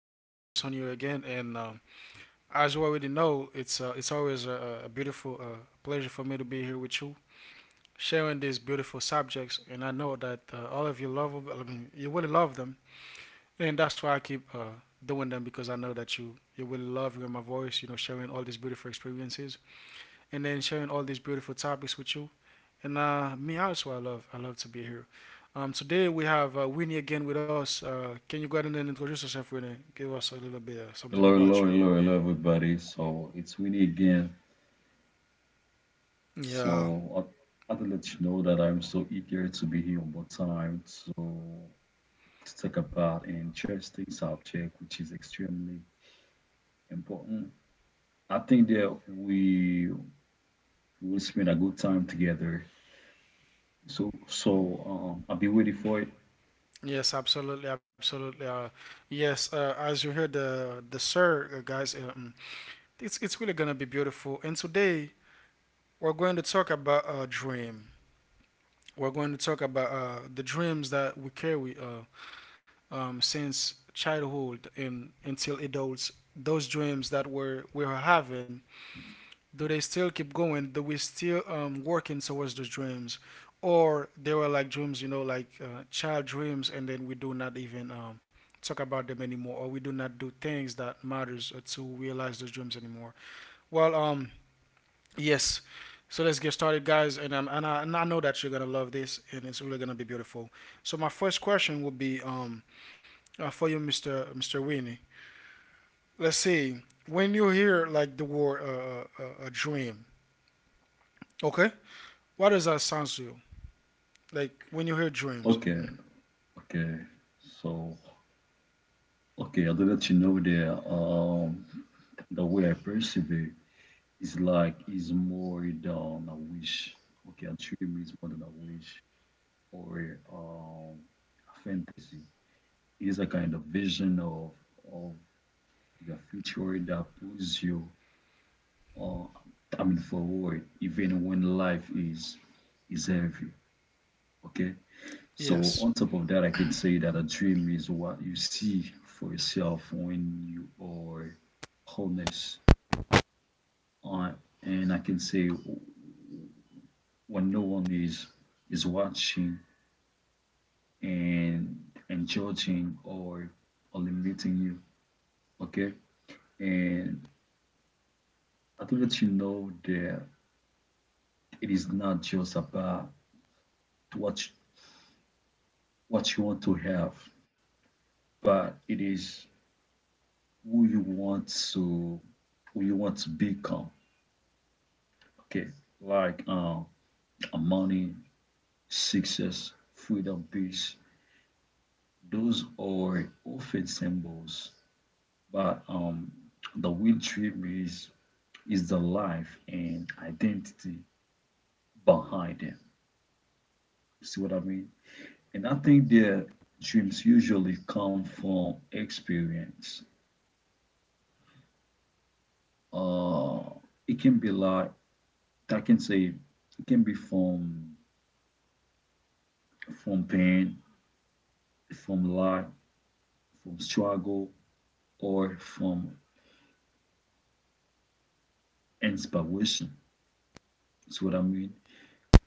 This is Robinson here again, and as you already know, it's always a beautiful pleasure for me to be here with you, sharing these beautiful subjects. And I know that all of you love, 'em. I mean, you really love them, and that's why I keep doing them because I know that you will love hearing my voice. You know, sharing all these beautiful experiences and then sharing all these beautiful topics with you. And me also, I love to be here. Today we have Winnie again with us. Can you go ahead and introduce yourself, Winnie? Give us a little bit something Hello, about you. hello, hello, hello, everybody. So it's Winnie again. Yeah. So I had to let you know that I'm so eager to be here one more time to talk about an interesting subject which is extremely important. I think that we will spend a good time together. So I'll be waiting for it. Yes, absolutely, absolutely. Yes, as you heard the sir guys, it's really gonna be beautiful. And today we're going to talk about a dream. We're going to talk about the dreams that we carry. Since childhood and until adults, those dreams that we're having, do they still keep going? Do we still working towards those dreams, or they were like dreams, you know, like child dreams, and then we do not even talk about them anymore, or we do not do things that matters to realize those dreams anymore? Well um yes so let's get started, guys, and I know that you're gonna love this, and it's really gonna be beautiful. So my first question will be for you, Mister Winnie. Let's see. When you hear like the word dream, okay, what does that sound to you? Like when you hear dreams? Okay, Mhm. okay. So okay, I'll let you know that the way I perceive it. It's like, it's more than a wish. Okay, a dream is more than a wish or a fantasy. It is a kind of vision of of your future that pulls you, uh, I mean, forward, even when life is heavy. Okay, so Yes. on top of that, I can say that a dream is what you see for yourself when you are honest. Uh, and I can say when no one is watching and and judging or limiting you. Okay, and I do let you know that it is not just about what you, what you want to have, but it is who you want to who you want to become. Okay, like, money, success, freedom, peace, those are often symbols, but the real trip is the life and identity behind them. See what I mean? And I think their dreams usually come from experience. Uh, it can be like, I can say, it can be from pain, from life, from struggle, or from inspiration. See what I mean?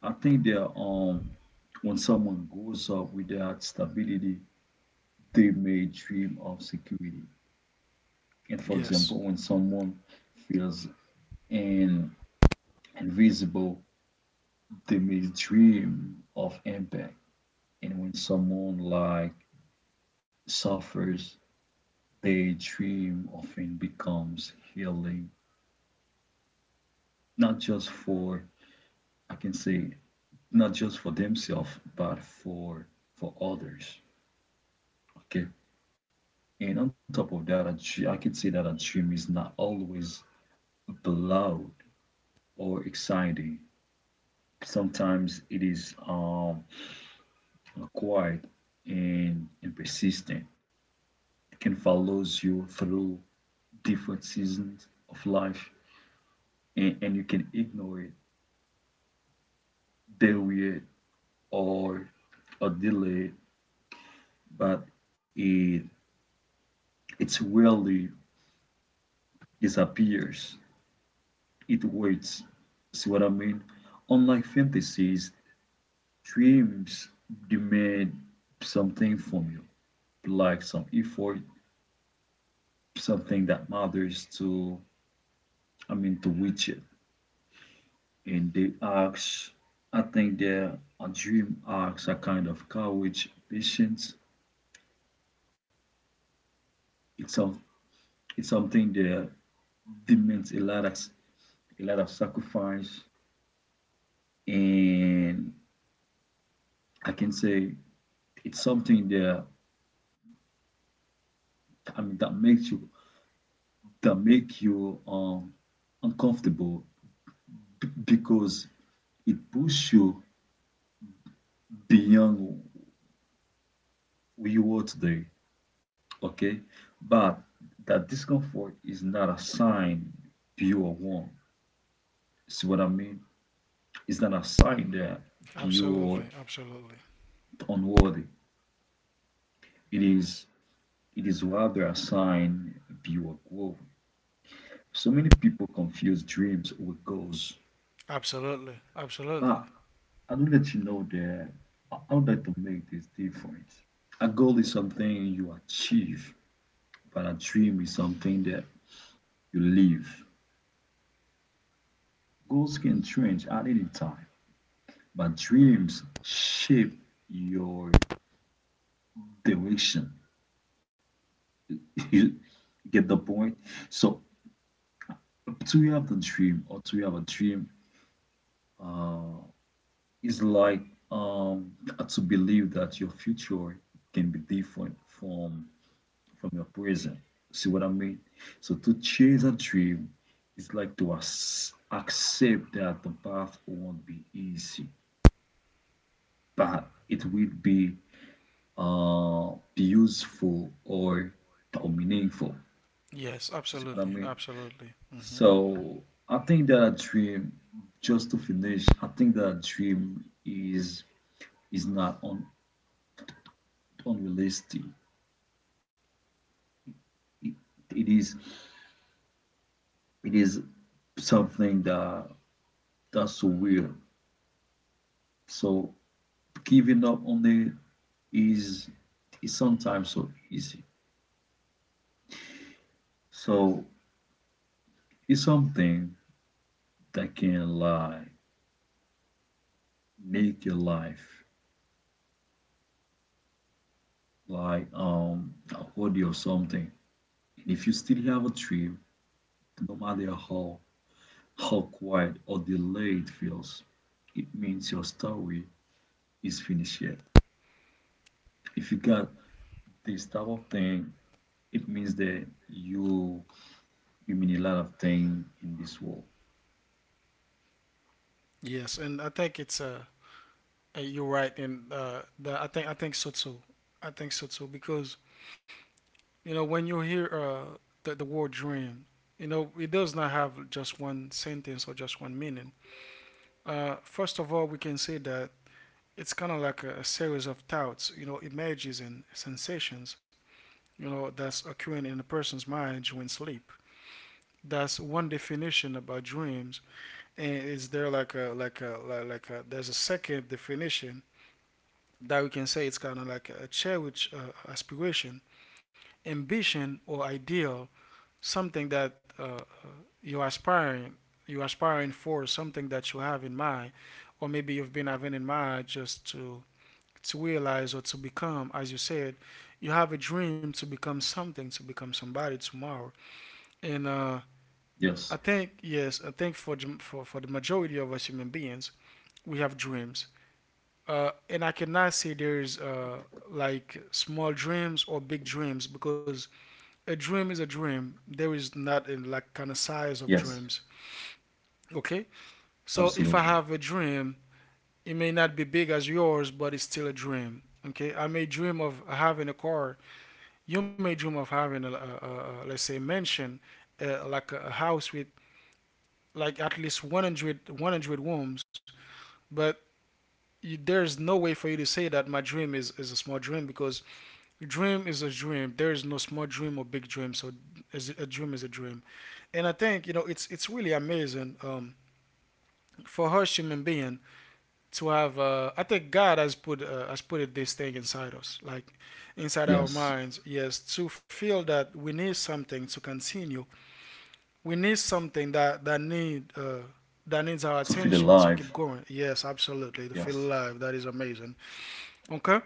I think that when someone grows up without stability, they may dream of security. And for Yes. example, when someone feels an invisible, they may dream of impact. And when someone like suffers, their dream often becomes healing, not just for I can say not just for themselves, but for others. Okay. And on top of that, a I can say that a dream is not always loud or exciting. Sometimes it is acquired and persistent. It can follows you through different seasons of life, and you can ignore it, deal it, or, or delay it, but it it's rarely disappears. It waits. See what I mean? Unlike fantasies, dreams demand something from you, like some effort, something that matters to, I mean, to reach it. And the arcs, I think the dream arcs are kind of courage, patience. It's some it's something that demands a lot of sacrifice, and I can say it's something that I mean that make you uncomfortable, because it pushes you beyond who you are today. Okay, but that discomfort is not a sign you are wrong. See what I mean? It's not a sign that you're Absolutely. Absolutely. unworthy. It is it is rather a sign you're growing. So many people confuse dreams with goals. Absolutely. Absolutely. But I do let you know that I would like to make this difference. A goal is something you achieve, but a dream is something that you live. Goals can change at any time, but dreams shape your direction. You get the point? So to have the dream, or to have a dream, is like um to believe that your future can be different from your present. See what I mean? So to chase a dream is like to accept that the path won't be easy, but it will be useful or meaningful. Yes. See what I Absolutely. mean? Absolutely. Hmm. So I think that a dream, just to finish, I think that a dream is not unrealistic. It, it is it is something that that's weird. So giving up on it is is sometimes so easy. So it's something that can lie, make your life like a hobby or something. And if you still have a dream, no matter how quiet or delayed it feels, it means your story is finished yet. If you got this type of thing, it means that you mean a lot of thing in this world. Yes, and I think it's you're right, and I think so too. I think so too, because you know, when you hear the word dream, you know it does not have just one sentence or just one meaning. First of all, we can say that it's kind of like a series of thoughts, you know, images and sensations, you know, that's occurring in a person's mind during sleep. That's one definition about dreams, and is there like a like a like, like a there's a second definition that we can say, it's kind of like a cherished aspiration, ambition, or ideal, something that you're aspiring you're aspiring for something that you have in mind, or maybe you've been having in mind, just to realize or to become. As you said, you have a dream to become something, to become somebody tomorrow. And Yes, I think yes, I think for the majority of us human beings, we have dreams. And I cannot say there's like small dreams or big dreams, because a dream is a dream. There is not a yes, like kind of size of dreams. Okay? absolutely. So if I have a dream, it may not be big as yours, but it's still a dream. Okay? I may dream of having a car. You may dream of having, a, let's say, a mansion, like a house with like at least 100 rooms. But you, there's no way for you to say that my dream is a small dream, because dream is a dream. There is no small dream or big dream. So a dream is a dream. And I think, you know, it's really amazing. For us human being to have I think god has put it, this thing inside us, like inside our Yes. minds, yes, to feel that we need something to continue. We need something that that need that needs our To feel attention to keep alive. going, yes, absolutely, to feel Yes, alive. That is amazing. Okay,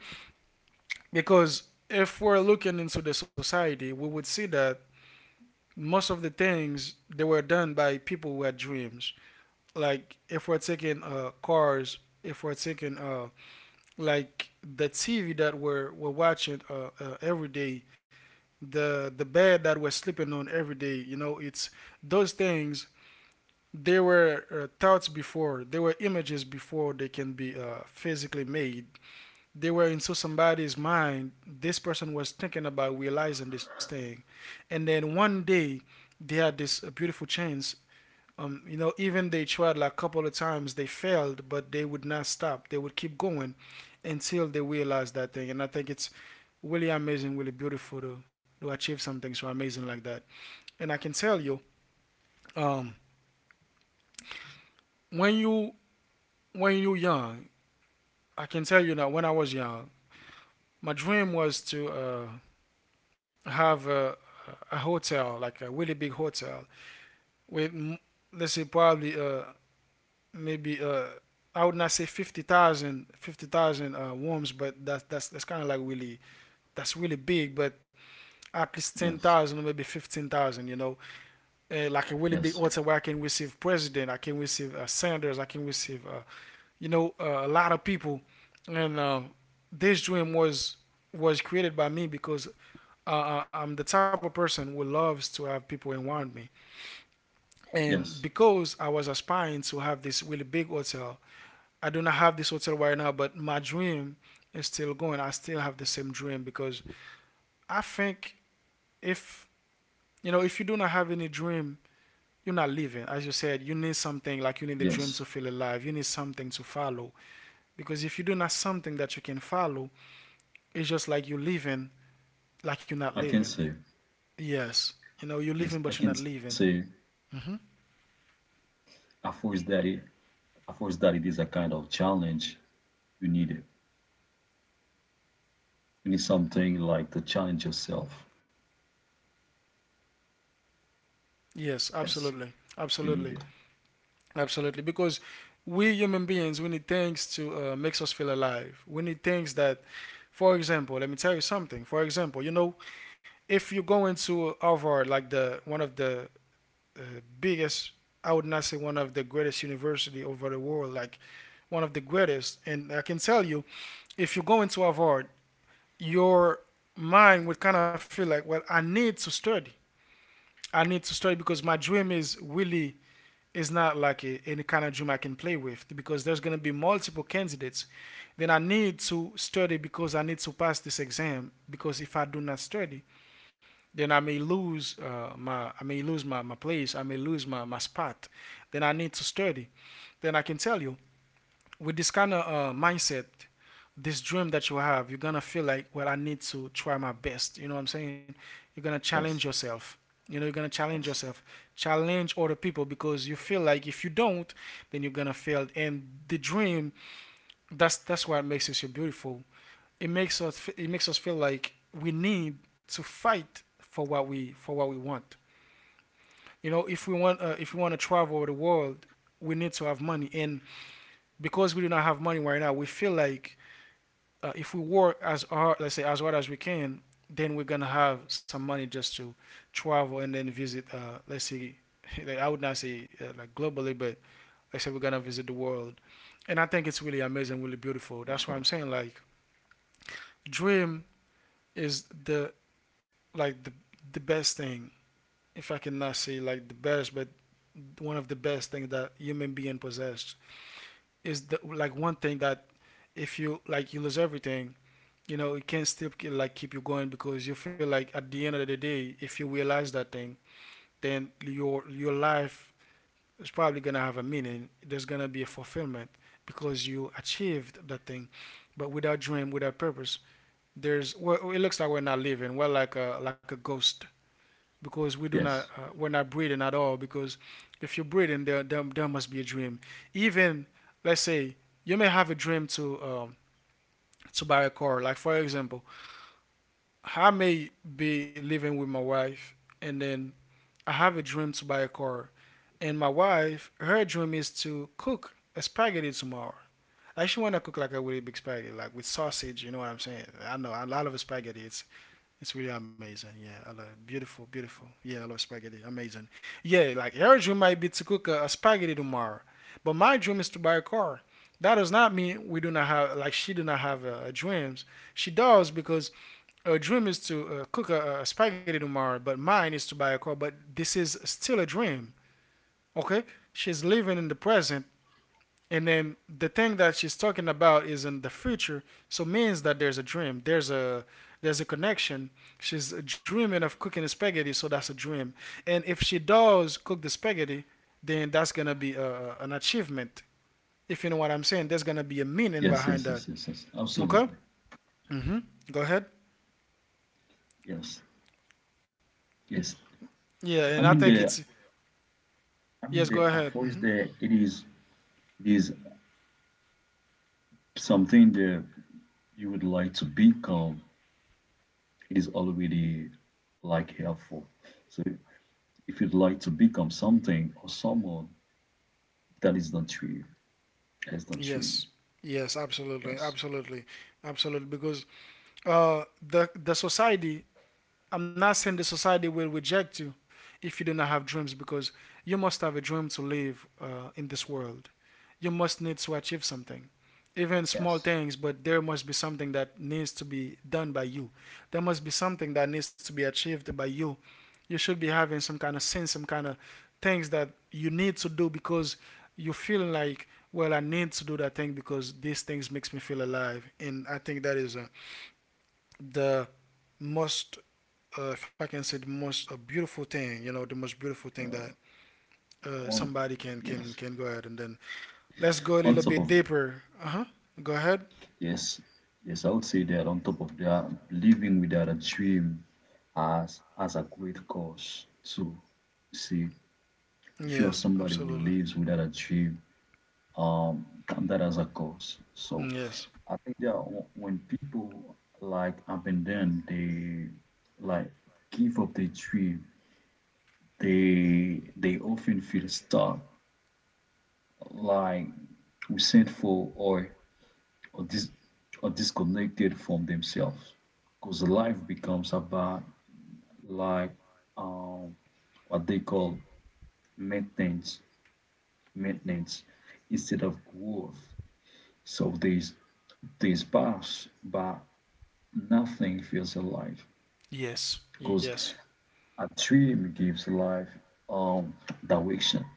because if we're looking into the society, we would see that most of the things they were done by people who had dreams. Like if we're taking cars, if we're taking like the TV that we're watching every day, the bed that we're sleeping on every day. You know, it's those things. There were thoughts before. There were images before they can be physically made. They were into somebody's mind. This person was thinking about realizing this thing, and then one day they had this beautiful chance. You know, even they tried like a couple of times, they failed, but they would not stop. They would keep going until they realized that thing. And I think it's really amazing, really beautiful to achieve something so amazing like that. And I can tell you, um, when you when you are young, I can tell you that when I was young, my dream was to have a hotel, like a really big hotel, with, let's say probably maybe I would not say 50,000 worms, but that's kind of like really, that's really big, but at yes, least 10,000 or maybe 15,000, you know, like a yes, really big order, where I can receive president, I can receive senators, I can receive you know a lot of people, and this dream was created by me, because I'm the type of person who loves to have people around me, yes, and because I was aspiring to have this really big hotel. I do not have this hotel right now, but my dream is still going. I still have the same dream, because I think if, you know, if you do not have any dream, you're not living. As you said, you need something, like you need the dream to yes. feel alive. You need something to follow, because if you do not have something that you can follow, it's just like you're living, like you're not I can living. say, Yes, you know, you're yes, living but I you're not can living. say, Hmm. I force that it, I force that it is a kind of challenge you need it. You need something like to challenge yourself. Yes, Yes, you need it. absolutely, absolutely. Absolutely, because we human beings, we need things to makes us feel alive. We need things that, for example, let me tell you something. For example, you know, if you go into Harvard, like the one of the biggest, I would not say one of the greatest university over the world, like one of the greatest, and I can tell you, if you go into Harvard, your mind would kind of feel like, well, I need to study. I need to study because my dream is really is not like any kind of dream I can play with, because there's gonna be multiple candidates. Then I need to study because I need to pass this exam. Because if I do not study, then I may lose my I may lose my place. I may lose my spot. Then I need to study. Then I can tell you, with this kind of mindset, this dream that you have, you're gonna feel like, well, I need to try my best. You know what I'm saying? You're gonna challenge Yes, yourself. You know, you're gonna challenge yes, yourself, challenge other people, because you feel like if you don't, then you're gonna fail. And the dream, that's what makes it so beautiful. It makes us feel like we need to fight for what we want. You know, if we want to travel the world, we need to have money. And because we do not have money right now, we feel like if we work as hard, let's say as hard as we can, then we're gonna have some money just to travel and then visit. Let's say, like, I would not say like globally, but let's say we're gonna visit the world. And I think it's really for amazing, sure. really beautiful. That's why I'm saying like dream is the like the best thing. If I cannot say like the best, but one of the best things that human being possessed. Is the like one thing that if you like you lose everything, you know it can still like keep you going, because you feel like at the end of the day, if you realize that thing, then your life is probably gonna have a meaning. There's gonna be a fulfillment because you achieved that thing. But without dream, without purpose, there's, well, it looks like we're not living. We're like a ghost because Yes, we're not breathing at all because if you're breathing there must be a dream, even, let's say, you may have a dream to buy a car, like for example. I may be living with my wife, and then I have a dream to buy a car, and my wife, her dream is to cook a spaghetti tomorrow. I actually want to cook like a really big spaghetti, like with sausage. You know what I'm saying? I know I love spaghetti. It's really amazing. Yeah, I love, beautiful, beautiful. Yeah, I love spaghetti. Amazing. Yeah, like your dream might be to cook a spaghetti tomorrow, but my dream is to buy a car. That does not mean we do not have, like, she do not have dreams. She does, because her dream is to cook a spaghetti tomorrow, but mine is to buy a car. But this is still a dream. Okay, she's living in the present, and then the thing that she's talking about is in the future, so means that there's a dream, there's a connection. She's dreaming of cooking spaghetti, so that's a dream, and if she does cook the spaghetti, then that's gonna be an achievement. If you know what I'm saying, there's gonna be a meaning yes, yes, behind yes, that. yes, yes. Absolutely. Okay. Mm-hmm. Go ahead. Yes, yes. Yeah, and I I mean think it's, the I mean yes, the go a ahead. voice Mm-hmm. there, it is something that you would like to become. It is already like helpful. So if you'd like to become something or someone, that is not true. That's not true. Yes, yes, absolutely, Yes. absolutely, absolutely, because, the society, I'm not saying the society will reject you if you do not have dreams, because you must have a dream to live in this world. You must need to achieve something, even small Yes. things, but there must be something that needs to be done by you. There must be something that needs to be achieved by you. You should be having some kind of sense, some kind of things that you need to do, because you feel like, well, I need to do that thing because these things makes me feel alive. And I think that is, the most if I can say, the most a beautiful thing, you know, the most beautiful thing that Oh, somebody can can yes. can go ahead and then, let's go a On little top bit of, deeper. Uh huh. Go ahead. yes. Yes, I would say that on top of that, living without a dream has as a great cause. So, see, if you are Yes, somebody who absolutely. lives without a dream, count that as a cause. So Yes, I think that, when people like abandon, they like give up their dream, they often feel stuck, like resentful, or disconnected from themselves, because life becomes about, like, um what they call maintenance maintenance instead of growth. So they is by nothing feels alive, yes, because yes, a dream gives life, um direction.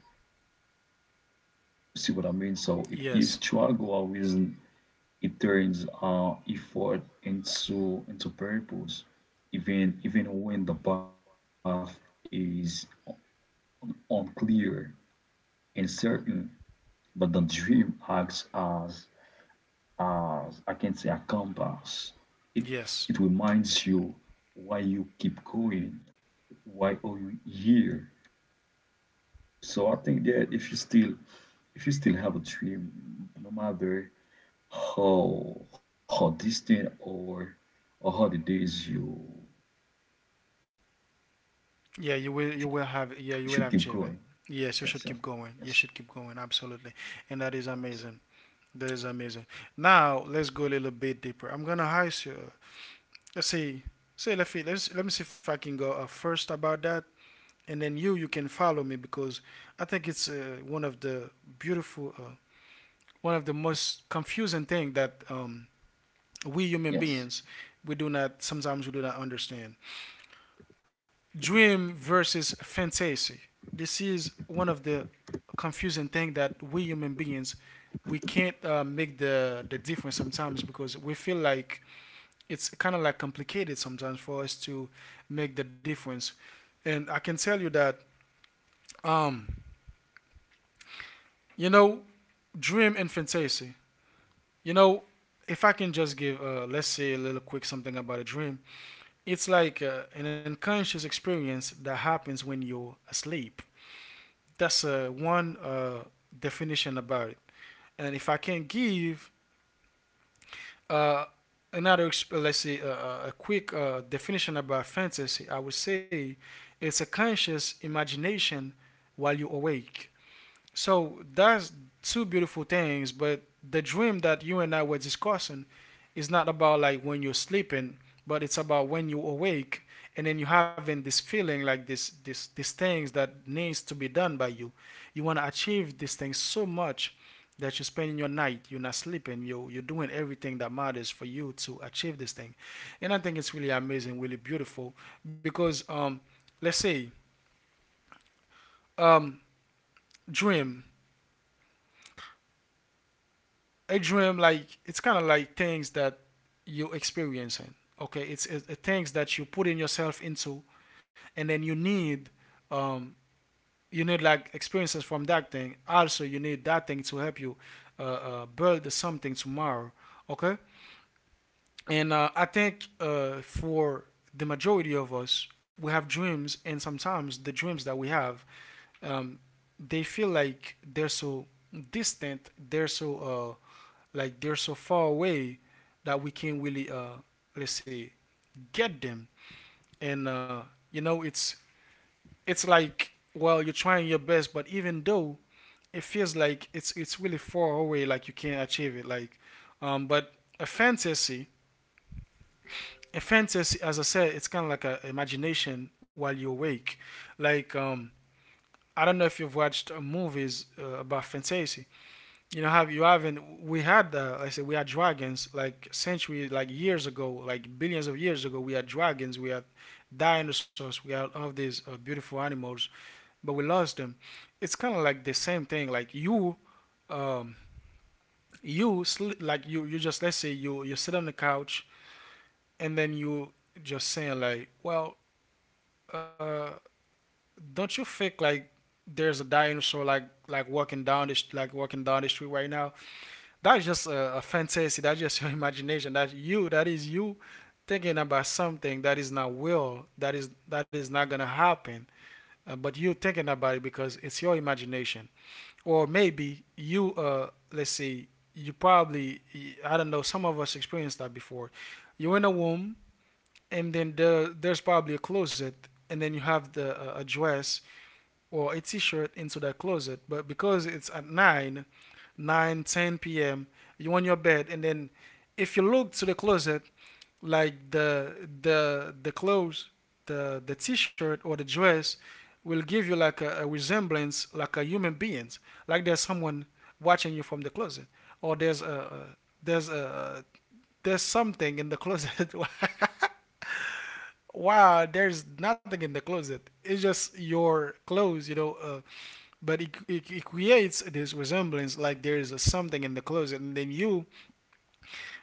See what I mean? So it yes, gives struggle a reason. It turns effort into purpose, even when the path is unclear and uncertain. But the dream acts as I can say a compass. It it yes. reminds you why you keep going, why are you here. So I think that if you still have a dream, no matter how distant or how the days you should, Yeah, you will should have. keep Yeah, you going. will have achieved it. Yes, yes, Yes, you should keep yes, going. You should keep going. Absolutely, and that is amazing. That is amazing. Now let's go a little bit deeper. I'm gonna ask you. Let's see. Say let me let's, let me see if I can go first about that, and then you can follow me. Because I think it's one of the beautiful, one of the most confusing thing that we yes, human beings we do not understand. Dream versus fantasy. This is one of the confusing thing that we human beings, we can't make the difference sometimes, because we feel like it's kind of like complicated sometimes for us to make the difference. And I can tell you that, um, you know, dream and fantasy. You know, if I can just give, let's say, a little quick something about a dream, it's like an unconscious experience that happens when you're asleep. That's, one, definition about it. And if I can give uh, another, let's say, a quick definition about fantasy, I would say it's a conscious imagination while you're awake. So that's two beautiful things, but the dream that you and I were discussing is not about like when you're sleeping, but it's about when you awake and then you're having this feeling like this these things that needs to be done by you. You wanna achieve these things so much that you're spending your night, you're not sleeping, you're doing everything that matters for you to achieve this thing. And I think it's really amazing, really beautiful, because, let's say, um dream a dream, like, it's kind of like things that you experiencing. Okay, it's things that you put in yourself into, and then um you need, like, experiences from that thing. Also, you need that thing to help you build something tomorrow, okay. And I think, for the majority of us, we have dreams, and sometimes the dreams that we have, um they feel like they're so distant, they're so uh like they're so far away that we can't really let's say get them. And, you know it's it's like, well, you're trying your best, but even though it feels like it's really far away, like you can't achieve it, but a fantasy, as I said, it's kind of like a imagination while you're awake, like um I don't know if you've watched movies about fantasy. You know, haven't we had, like I said, we had dragons, like centuries, like years ago, like billions of years ago, we had dragons, we had dinosaurs, we had all of these beautiful animals, but we lost them. It's kind of like the same thing, like um you just, let's say, you sit on the couch and then you, just saying like, well, uh don't you think, like, there's a dinosaur, like, walking down the street right now. That's just a fantasy. That's just your imagination. That you, that is you, thinking about something that is not gonna happen. But you thinking about it because it's your imagination. Or maybe you, let's say, you probably, I don't know, some of us experienced that before. You're in a womb, and then there's probably a closet, and then you have the a dress or a t-shirt into that closet, but because it's at 9 9:10 p.m., you're on your bed, and then if you look to the closet, like the clothes, the t-shirt or the dress, will give you like a resemblance, like a human beings, like there's someone watching you from the closet, or there's a there's something in the closet. Wow, there's nothing in the closet. It's just your clothes, you know. But it creates this resemblance, like there is a something in the closet, and then you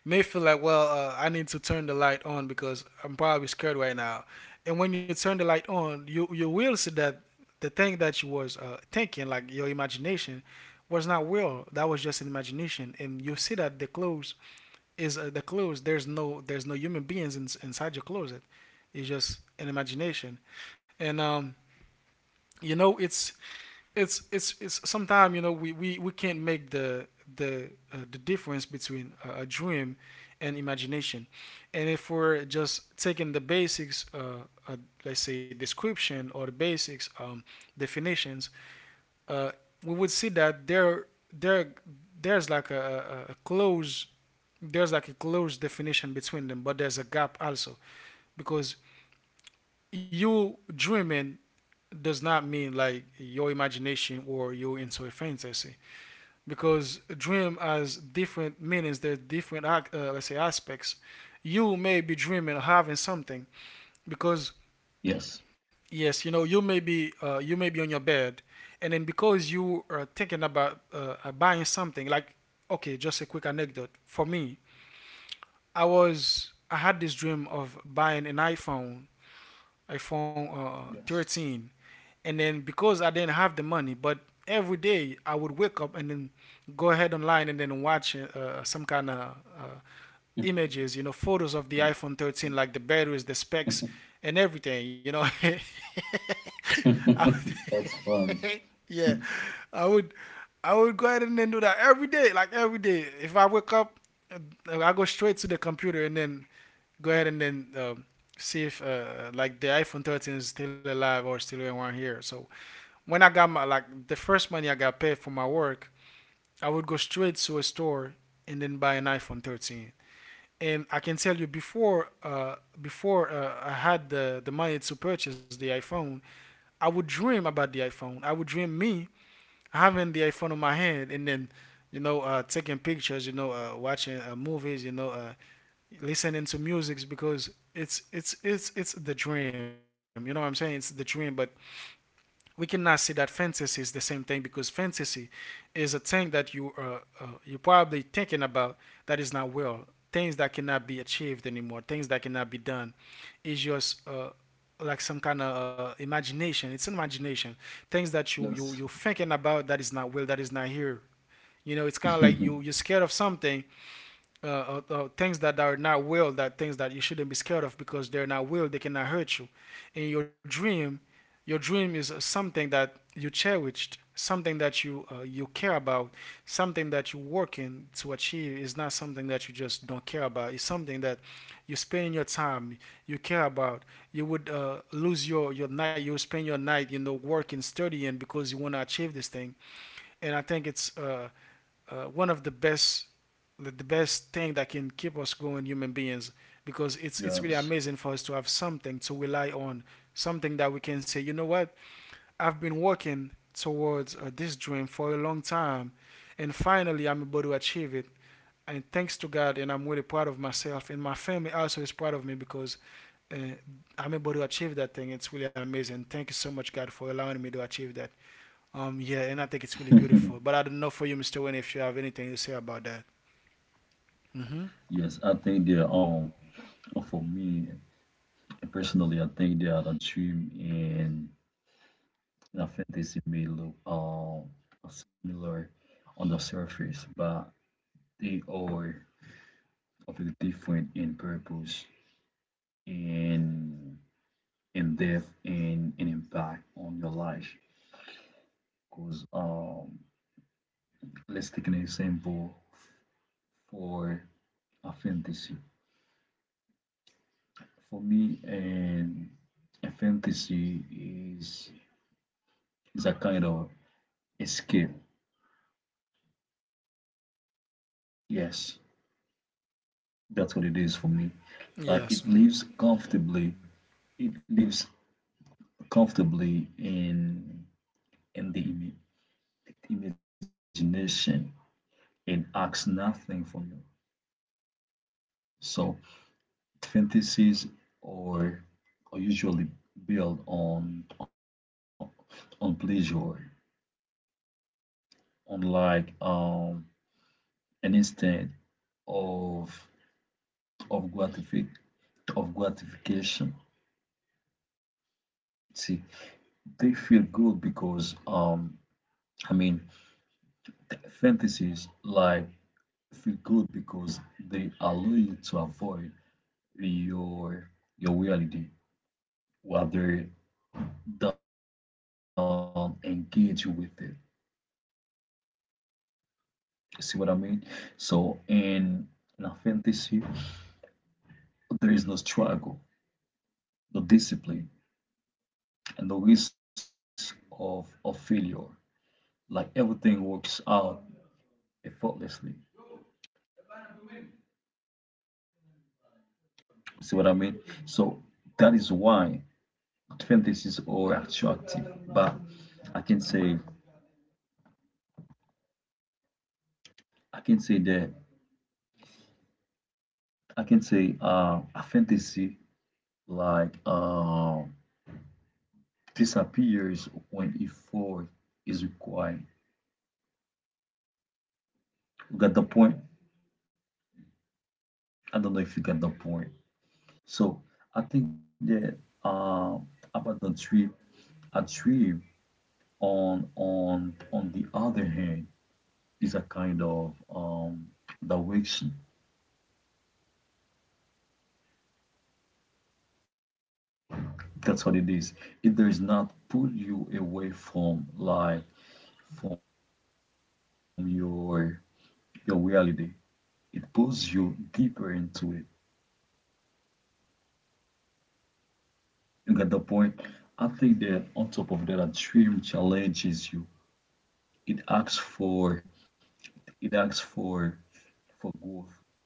may feel like, well, I need to turn the light on because I'm probably scared right now. And when you turn the light on, you will see that the thing that you was thinking, like your imagination, was not real. That was just an imagination, and you see that the clothes is, the clothes. There's no human beings inside your closet. It's just an imagination, and, you know it's sometimes, we can't make the difference between a dream and imagination. And if we're just taking the basics, let's say, description, or the basics, definitions, uh, we would see that there there's like a there's like a close definition between them, but there's a gap also, because you dreaming does not mean like your imagination, or you're into a fantasy, because a dream has different meanings. There's different, let's say, aspects. You may be dreaming having something, because, yes, yes, you know, you may be on your bed, and then because you are thinking about buying something, like, okay, just a quick anecdote for me. I had this dream of buying an iPhone, iPhone yes. uh, 13, and then because I didn't have the money. But every day I would wake up and then go ahead online and then watch some kind of uh, images, you know, photos of the iPhone 13, like the batteries, the specs, and everything, you know. I That's fun. would, yeah, I would, I would go ahead and then do that every day, like every day. If I wake up, I go straight to the computer and then go ahead and then see if, like, the iPhone 13 is still alive or still in here. So when I got my, like, the first money I got paid for my work, I would go straight to a store and then buy an iPhone 13. And I can tell you before, I had the money to purchase the iPhone, I would dream about the iPhone. I would dream me having the iPhone in my hand and then taking pictures, watching movies, listening to music because it's the dream, you know what I'm saying? It's the dream. But we cannot say that fantasy is the same thing because fantasy is a thing that you probably thinking about, that is not real. Things that cannot be achieved anymore, things that cannot be done, is just like some kind of imagination. It's imagination. Things that you're Yes. thinking about that is not real, that is not here. You know, it's kind of like you you're scared of something, things that are not will, that things that you shouldn't be scared of because they're not will, they cannot hurt you in your dream. Your dream is something that you cherished, something that you care about, something that you're working to achieve. Is not something that you just don't care about. It's something that you spend your time, you care about. You would lose your night, you would spend your night, you know, working, studying, because you want to achieve this thing. And I think it's one of the best, the best thing that can keep us going, human beings. Because it's really Yes. amazing for us to have something to rely on, something that we can say, you know what, I've been working towards this dream for a long time, and finally I'm able to achieve it. And thanks to God, and I'm really proud of myself, and my family also is proud of me because uh, I'm able to achieve that thing. It's really amazing. Thank you so much, God, for allowing me to achieve that. Yeah, and I think it's really beautiful, but I don't know for you, Mr. Wayne, if you have anything to say about that. Mm-hmm. Yes. I think that for me personally, I think that a dream and. I think they may look similar on the surface, but they are completely different in purpose, in in depth, and in impact on your life. Because let's take an example for a fantasy. For me, and a fantasy is is a kind of escape. Yes, that's what it is for me. Like Yes. it Mm-hmm. lives comfortably. It lives comfortably in the imagination and asks nothing from you. So fantasies or are usually built on pleasure, unlike an instant of of gratifi- of gratification. See, they feel good because, I mean, fantasies like feel good because they allow you to avoid your your reality while they're done engage with it. You see what I mean? So in a fantasy, there is no struggle, no discipline, and no risk of failure. Like everything works out effortlessly. You see what I mean? So that is why fantasies are attractive. But I can say I can say that I can say a fantasy like this appears when if four is required. You got the point? I don't know if you got the point. So I think that uh, about the trip, a trip on the other hand is a kind of direction. That's what it is. It does not pull you away from life, from your reality. It pulls you deeper into it. You get the point? I think that on top of that, a dream challenges you. It asks for it asks for growth,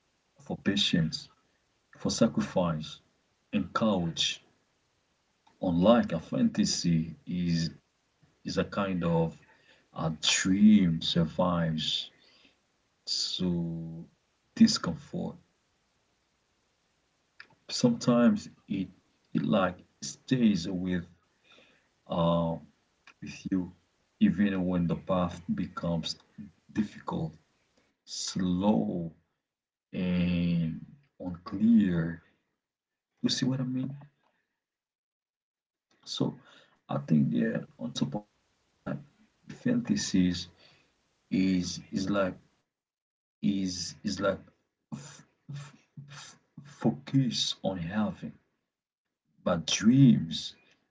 for patience, for sacrifice, and courage. Unlike a fantasy is a kind of, a dream survives to discomfort. Sometimes it it like stays uh with you, even when the path becomes difficult, slow, and unclear. You see what I mean? So I think that on top of that, fantasies is like is like f- f- f- focus on having, but dreams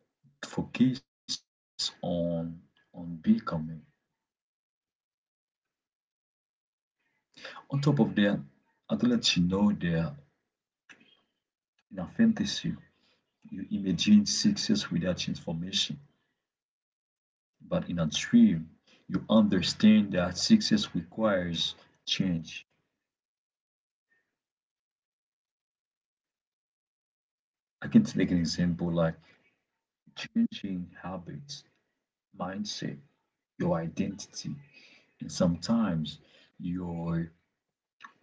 focus on becoming. On top of that, I do let you know that in a fantasy, you imagine success without transformation, but in a dream, you understand that success requires change. I can take an example like changing habits, mindset, your identity, and sometimes your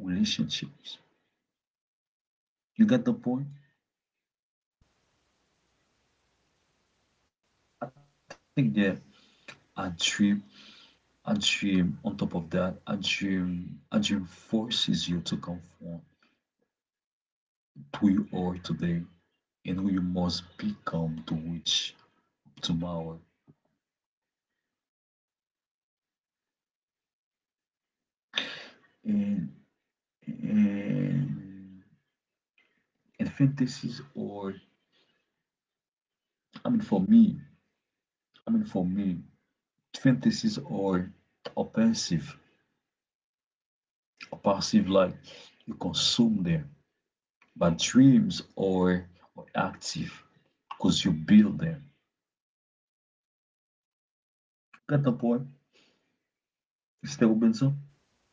relationships. You get the point? I think that a dream, a dream on top of that, a dream forces you to conform to who you are today and who you must become to reach tomorrow. And and and fantasies are, i mean for me I mean, for me, fantasies are offensive, passive, like you consume them, but dreams are active because you build them. Got the point? Still Benson.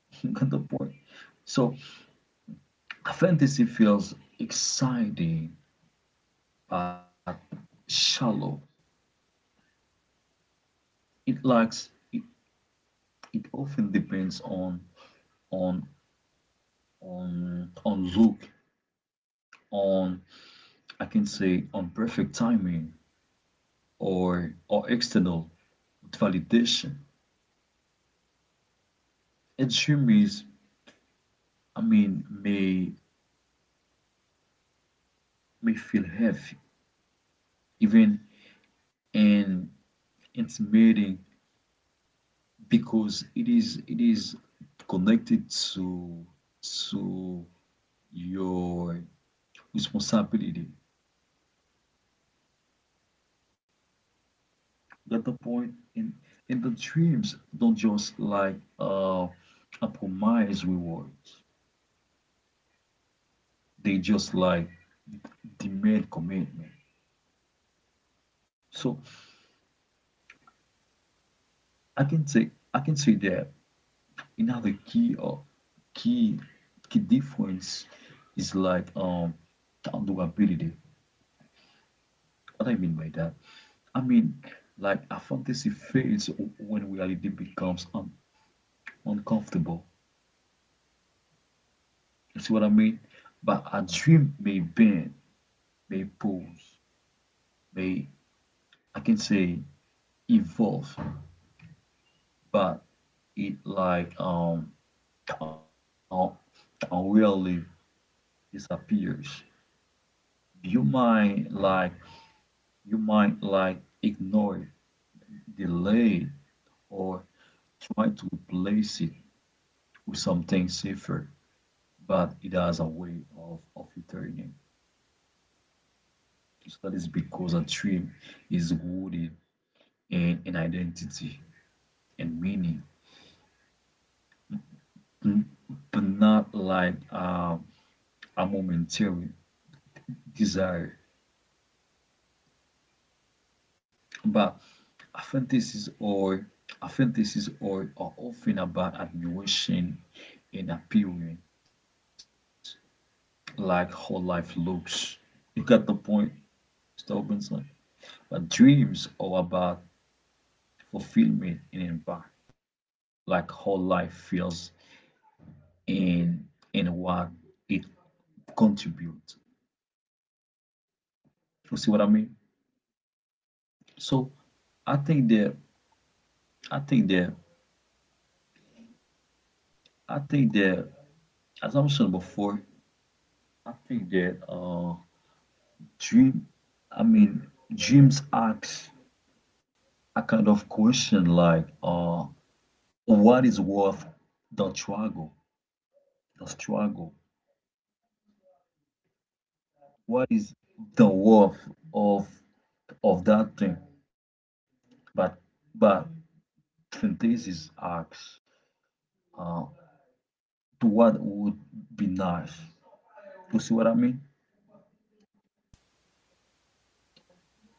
Got the point? So fantasy feels exciting but shallow. It lacks. It often depends on on on look on I can say on perfect timing or external validation. And dreamies, I mean, may feel heavy, even and intimidating, because it is connected to your responsibility. Got the point? And the dreams don't just like a promise reward. They just like demand commitment. So I can say that another key or key key difference is accountability. What I mean by that? I mean, like a fantasy fades when reality becomes uncomfortable. You see what I mean? But a dream may bend, may pause, may, I can say, evolve, but it un- disappears. You might like you might like ignore it, delay it, or try to replace it with something safer, but it has a way of returning. So that is because a dream is rooted in identity and meaning, but not like a momentary desire. But Apprentices or apprentices or are often about admiration and appearance, like how life looks. You got the point, Mr. Robinson? But dreams are about fulfillment and impact, like how life feels and and what it contributes. You see what I mean? So I think that I think that I think that as I mentioned before, I think that dream i mean dreams ask a kind of question, like what is worth the struggle the struggle, what is the worth of of that thing, but but fantasies asks uh to what would be nice. You see what I mean?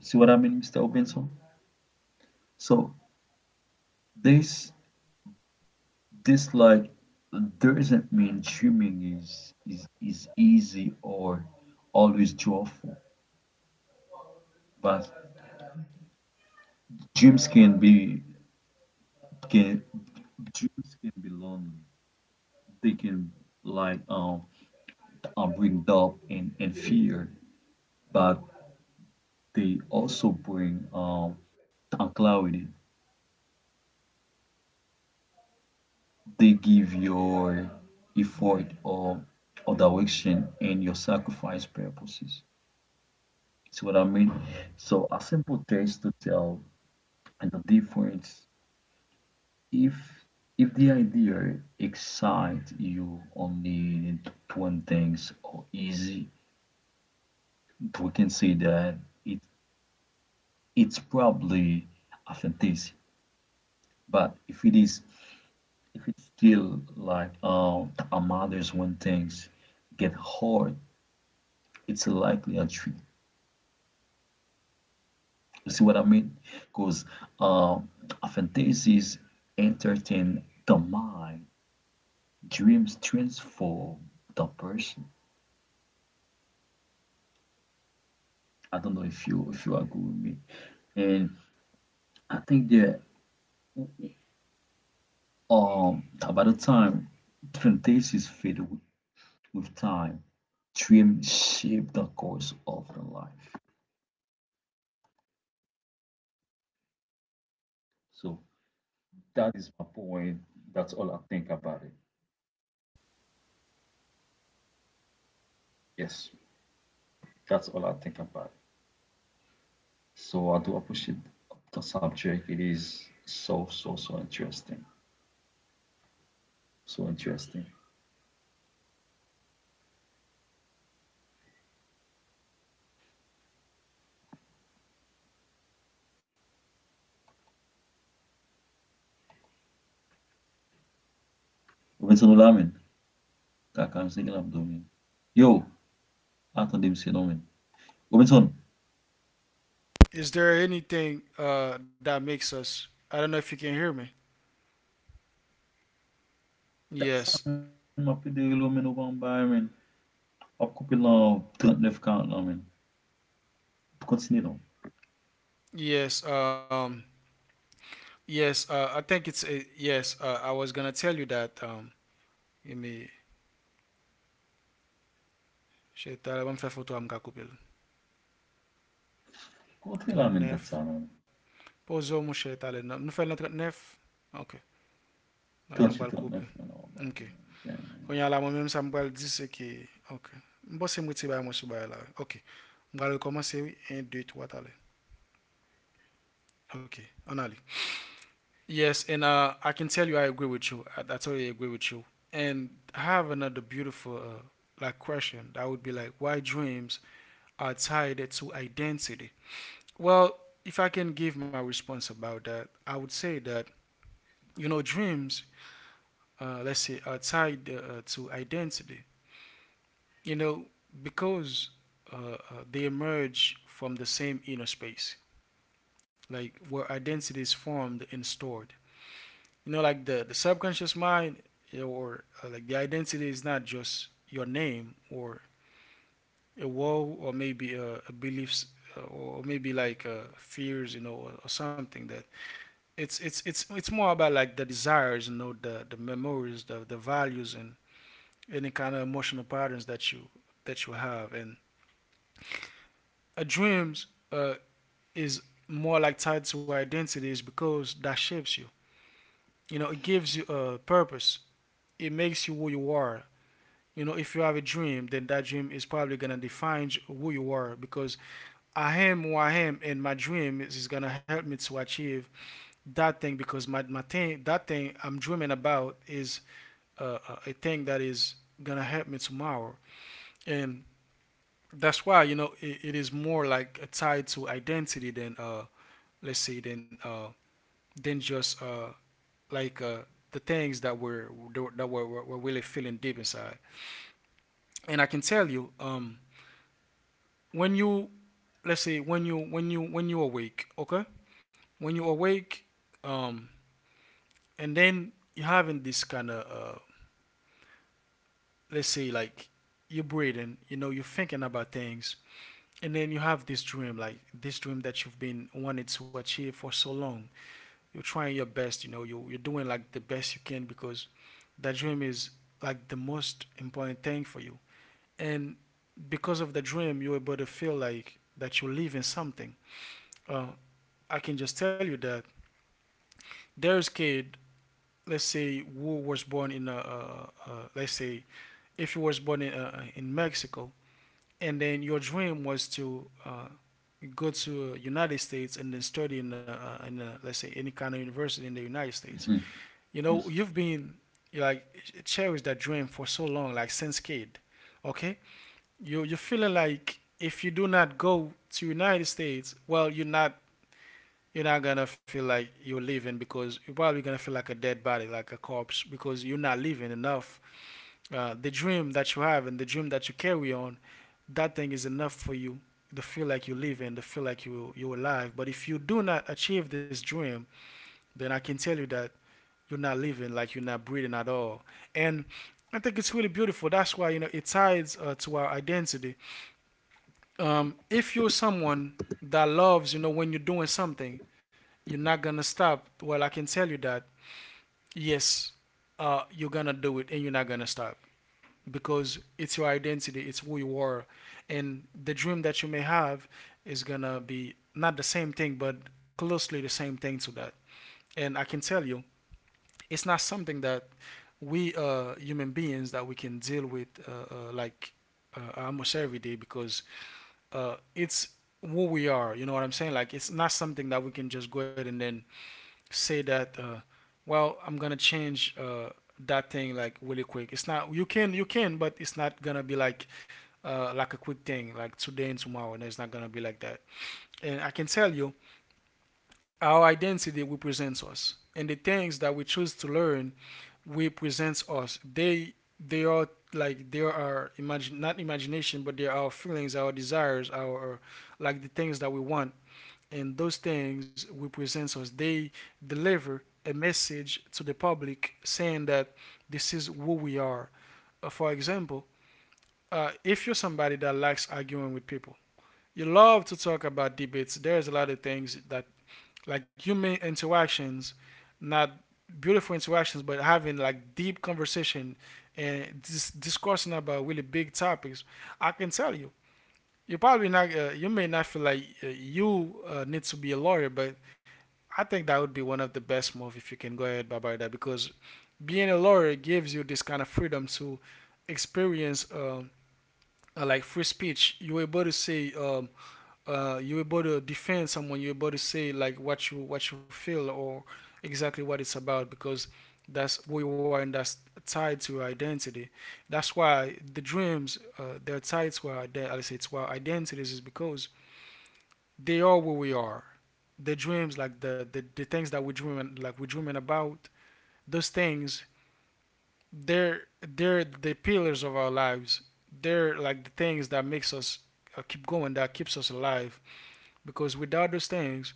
See what I mean, Mr. Benson? So this This doesn't mean dreaming is easy or always joyful, but dreams can be can dreams can be lonely. They can, like um, bring doubt and fear, but they also bring clarity. They give your effort or direction and your sacrifice purposes. See what I mean? So a simple test to tell and the difference, if if the idea excites you only to one things or easy, we can say that it it's probably authenticity. But if it's still like a mother's when things get hard, it's likely a trick. You see what I mean? Because, uh, authenticity is entertain the mind, dreams transform the person. I don't know if you agree with me. And I think that um by the time plantations fade with time, trim shape the course of the life. So that is my point. That's all I think about it. Yes, that's all I think about it. So I do appreciate the subject. It is so, so, so interesting. So interesting. Robinson, what I mean? That kind of thing I'm doing. Yo, I thought they said no man. Robinson. Is there anything that makes us? I don't know if you can hear me. Yes. That's a mwen apè deri lò men ou ban men. Ap koupe lan 39-40 lan men. Kontine lan. Yes. Yes. I think it's. Yes. I was gonna tell you that. Give me. Che talè, wè m fè foto am ka koupe lè 39. Kontine lan men dat sa men. Pozo mwen che talè. Nou fè lè 39? Ok. Nan m bal koupe. 38 39 Ok. men ou bay. Kon yal la Damn mwen mèm sa man. m bal di se ki. Ok. M bose m witi bay mwen sou bay la. Ok. M bal rekomanse wè. 1, 2, 3 talè. Ok. An alè. Yes, and I can tell you I agree with you. I totally agree with you. And I have another beautiful like question, that would be like, why dreams are tied to identity? Well, if I can give my response about that, I would say that, you know, dreams, let's say, are tied to identity. You know, because uh, uh, they emerge from the same inner space, like where identity is formed and stored. You know, like the subconscious mind, eh, or like the identity is not just your name, or a wall, or maybe a beliefs, or maybe like fears, you know, or something that, it's more about like the desires, you know, the memories, the values, and any kind of emotional patterns that you, that you have. And a dreams is more like tied to identities because that shapes you, you know, it gives you a purpose, it makes you who you are. You know, if you have a dream, then that dream is probably gonna define who you are, because I am who I am, and my dream is gonna help me to achieve that thing. Because my thing, that thing I'm dreaming about, is uh, a thing that is gonna help me tomorrow. And that's why, you know, it is more like tied to identity than let's say, than just like the things that were, that were really feeling deep inside. And I can tell you, um, when you, let's say, when you when you awake, okay, when you awake, um, and then you're having this kind of let's say like, you're breathing, you know, you're thinking about things, and then you have this dream, like this dream that you've been wanted to achieve for so long. You're trying your best, you know, you're doing like the best you can, because that dream is like the most important thing for you. And because of the dream, you're able to feel like that you live in something. Uh, I can just tell you that, there's kid, let's say, who was born in a, let's say, if you was born in Mexico, and then your dream was to go to United States, and then study in let's say, any kind of university in the United States. You know, you've yes, been like cherish that dream for so long, like since kid. Okay. You're feeling like, if you do not go to United States, well, you're not, you're not gonna feel like you're living, because you're probably gonna feel like a dead body, like a corpse, because you're not living enough. The dream that you have, and the dream that you carry on, that thing is enough for you to feel like you're living, to feel like you're alive. But if you do not achieve this dream, then I can tell you that you're not living, like you're not breathing at all. And I think it's really beautiful. That's why, you know, it ties to our identity. Um, if you're someone that loves, you know, when you're doing something, you're not gonna stop. Well, I can tell you that, yes, you're gonna do it, and you're not gonna stop, because it's your identity, it's who you are. And the dream that you may have is gonna be not the same thing, but closely the same thing to that. And I can tell you, it's not something that we, human beings, that we can deal with like almost every day, because it's who we are. You know what I'm saying? Like, it's not something that we can just go ahead and then say that. Well, I'm gonna change that thing like really quick. It's not, you can, you can, but it's not gonna be like a quick thing, like today and tomorrow. And it's not gonna be like that. And I can tell you, our identity represents us, and the things that we choose to learn represents us. They are like, they are our imagine, not imagination, but they are our feelings, our desires, our, like the things that we want, and those things represents us. They deliver a message to the public saying that this is who we are. For example, if you're somebody that likes arguing with people, you love to talk about debates. There's a lot of things that, like, human interactions, not beautiful interactions, but having like deep conversation, and discussing about really big topics, I can tell you, you probably not, you may not feel like you need to be a lawyer, but I think that would be one of the best moves if you can go ahead about that, because being a lawyer gives you this kind of freedom to experience, like free speech. You're able to say, you're able to defend someone, you're able to say like what you, what you feel, or exactly what it's about, because that's who you are, and that's tied to your identity. That's why the dreams, they're tied to our I say, to our identities, is because they are who we are. The dreams, like the things that we dream, like we're dreaming about, those things, they're the pillars of our lives. They're like the things that makes us keep going, that keeps us alive. Because without those things,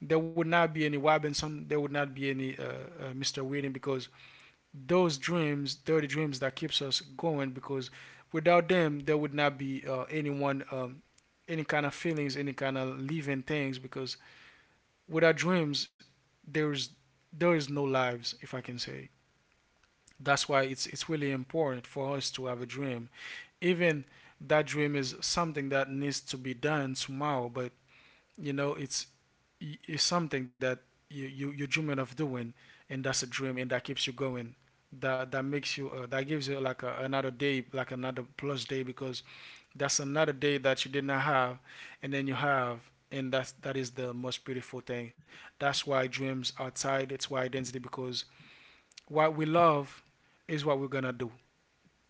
there would not be any Robinson, there would not be any Mr. Whedon. Because those dreams, they're the dreams that keeps us going, because without them, there would not be anyone, any kind of feelings, any kind of living things, because without dreams, there's, there is no lives, if I can say. That's why it's really important for us to have a dream. Even that dream is something that needs to be done tomorrow, but, you know, it's is something that you, you're dreaming of doing, and that's a dream, and that keeps you going. That, that makes you that gives you like a, another day, like another plus day, because that's another day that you did not have, and then you have, and that's, that is the most beautiful thing. That's why dreams are tied. It's why identity, because what we love is what we're gonna do.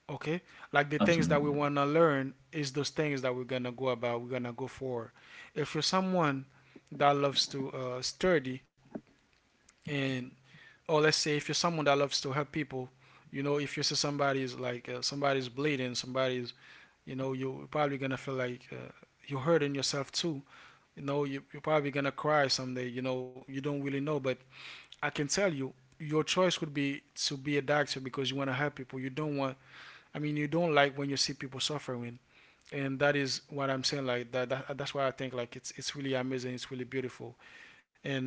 Okay, like the things that we absolutely. wanna learn is those things that we're gonna go about. We're gonna go for. If you're someone that loves to study, and or let's say if you're someone that loves to help people. If you see somebody's like somebody's bleeding, somebody's, you know, you're probably gonna feel like you're hurting yourself too. You know you're probably gonna cry someday. You know, you don't really know, but I can tell you your choice would be to be a doctor because you want to help people. You don't want, I mean, you don't like when you see people suffering. And that is what I'm saying, like that's why I think, like, it's really amazing, it's really beautiful. And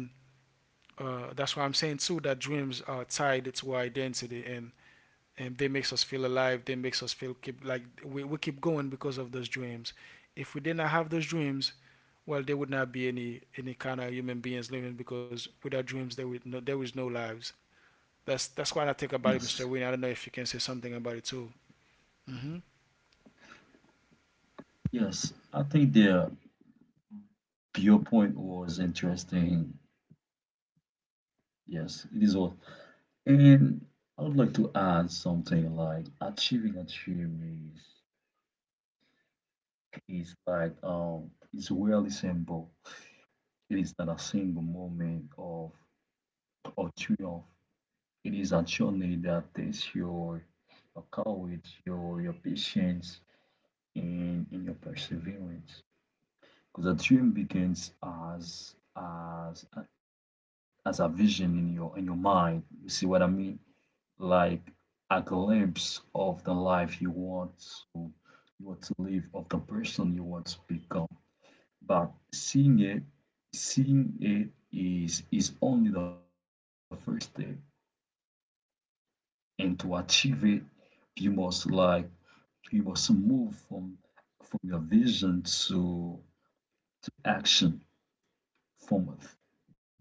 that's why I'm saying too that dreams are tied to our identity, and they makes us feel alive. They makes us feel, keep, like we keep going because of those dreams. If we did not have those dreams, well, there would not be any kind of human beings living, because without dreams, there is no lives. That's what I think about it, Mr. Yes. Wayne. I don't know if you can say something about it too. Mhm. Yes. I think the your point was interesting. Yes, it is all. And I would like to add something like achieving a dream is really simple. It is not a single moment of triumph. It is actually that tests your courage, your patience, and your perseverance. Because a dream begins as a vision in your mind. You see what I mean? Like a glimpse of the life to you want to live, of the person you want to become. But seeing it is only the first step. And to achieve it, you must like You must move from your vision to action, from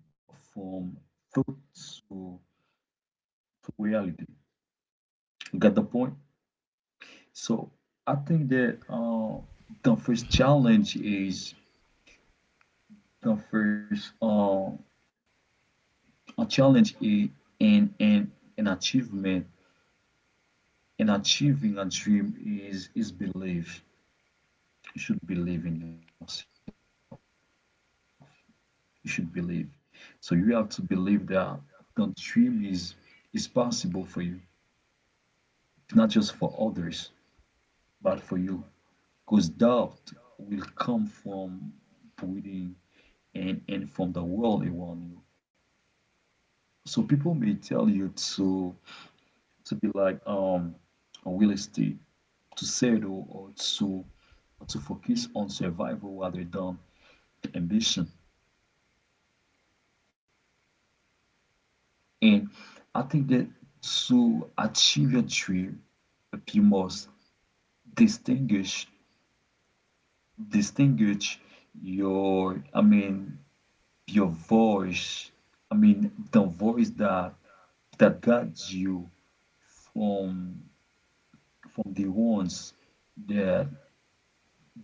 from thought to, to reality. You got the point? So I think that the first Mhm. challenge is the first uh, a challenge is in an achievement in achieving a dream is belief. You should believe in yourself. You should believe. So you have to believe that the dream is possible for you, not just for others, but for you. Because doubt will come from within and from the world around you. So people may tell you to to be like a real estate, to settle or to focus on survival rather than ambition. And I think that to achieve your dream, you must distinguish distinguish your I mean your voice. I mean the voice that guides you from from the ones that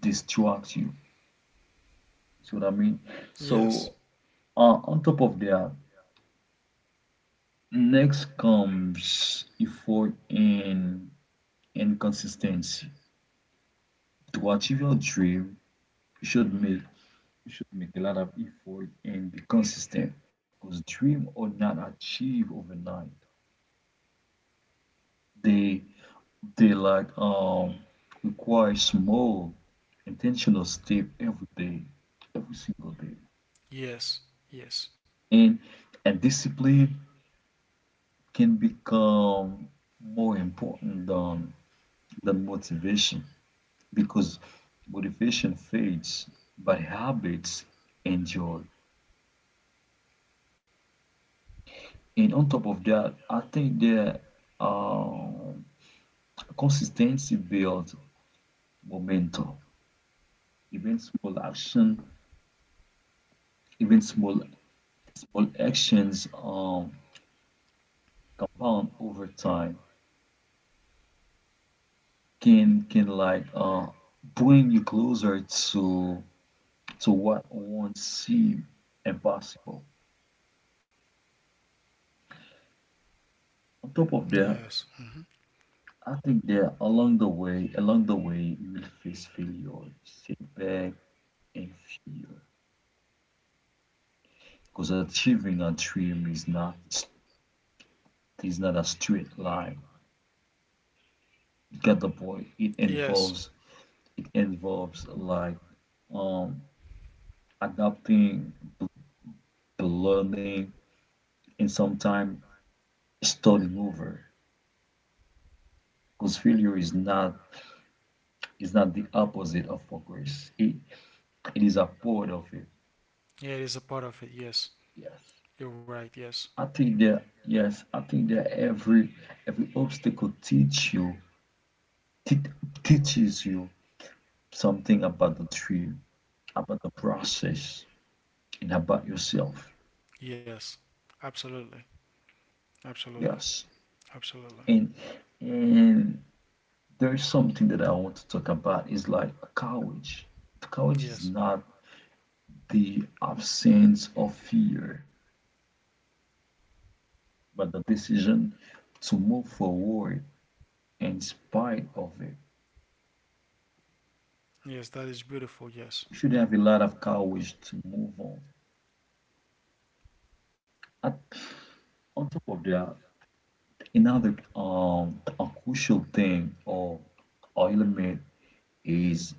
distract you. So what I mean. Yes. So, on top of that, next comes effort and consistency. To achieve your dream, you should make You should make a lot of effort and be consistent because dreams are not achieved overnight. They they require small intentional step every day, every single day. Yes. Yes. And and discipline can become more important than motivation because motivation fades, but habits endure. And on top of that, I think that um consistency builds momentum. Even small action, even small actions, compound over time, can bring you closer to what once seemed impossible. On top of that, Yes. Mhm. I think that along the way, you will face failure, setback, and fear. Because achieving a dream is not a straight line. Get the point. It Yes. involves, it involves like um adapting, the learning, and sometimes starting over. Because failure is not the opposite of progress. It is a part of it. Yeah, it is a part of it. Yes. Yes. You're right. Yes. I think that, yes, I think that every obstacle, te- teaches you something about the dream, about the process, and about yourself. Yes. Absolutely. Absolutely. Yes, Absolutely. and and there is something that I want to talk about. It's like courage. Courage is Yes. not the absence of fear, but the decision to move forward in spite of it. Yes. That is beautiful. Yes. You should have a lot of courage to move on. At, on top of that, another, a crucial thing, or element, is,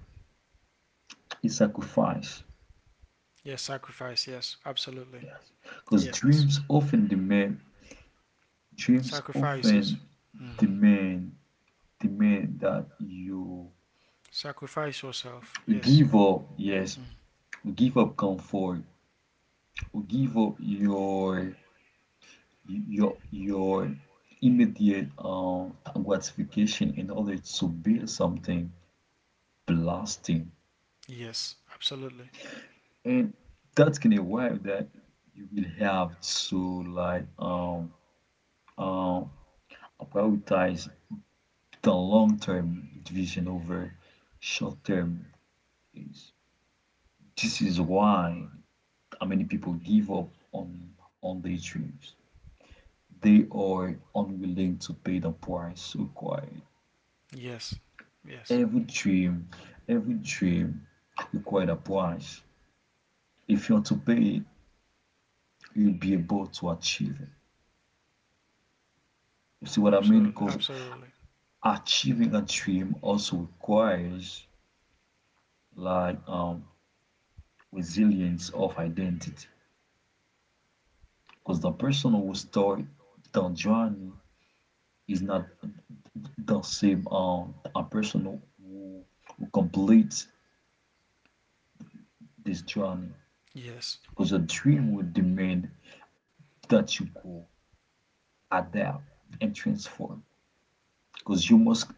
is sacrifice. Yes. Sacrifice. Yes. Absolutely. Yes, because Yes. dreams often demand dreams often Sacrifices. Mm-hmm. demand the man that you Sacrifice yourself. Yes. give up, yes, Mm. give up comfort, give up your immediate, gratification, in order to build something lasting. Yes. Absolutely. And that can arrive that you will have to um prioritize the long term vision over short term. Is This is why how many people give up on their dreams. They are unwilling to pay the price required. Yes. Yes. Every dream, every dream requires a price. If you want to pay it, you'll be able to achieve it. You see what I mean? Absolutely. Because Absolutely. achieving a dream also requires like um resilience of identity. Because the person who start the journey is not the same, a person who completes this journey. Yes. Because a dream will demand that you go adapt and transform, because you must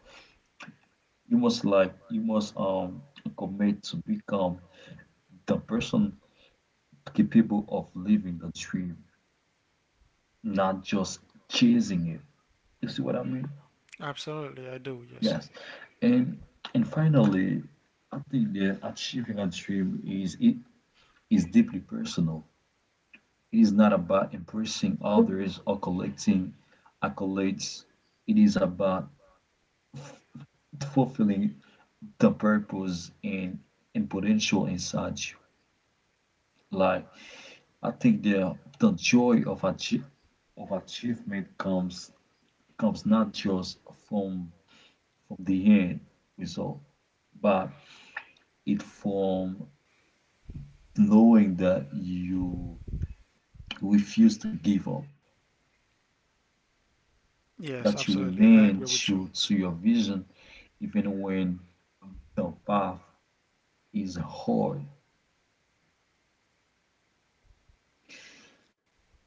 you must like you must um commit to become the person capable of living the dream, not just chasing it. You see what I mean? Absolutely, I do. Yes. Yes, and and finally, I think that achieving a dream is deeply personal. It is not about impressing others or collecting accolades. It is about fulfilling the purpose, and potential inside you. Like, I think the joy of achievement comes not just from from the end result, but it from knowing that you refuse to give up, Yes, that you absolutely. I remain agree with you. true to your vision even when the path is hard.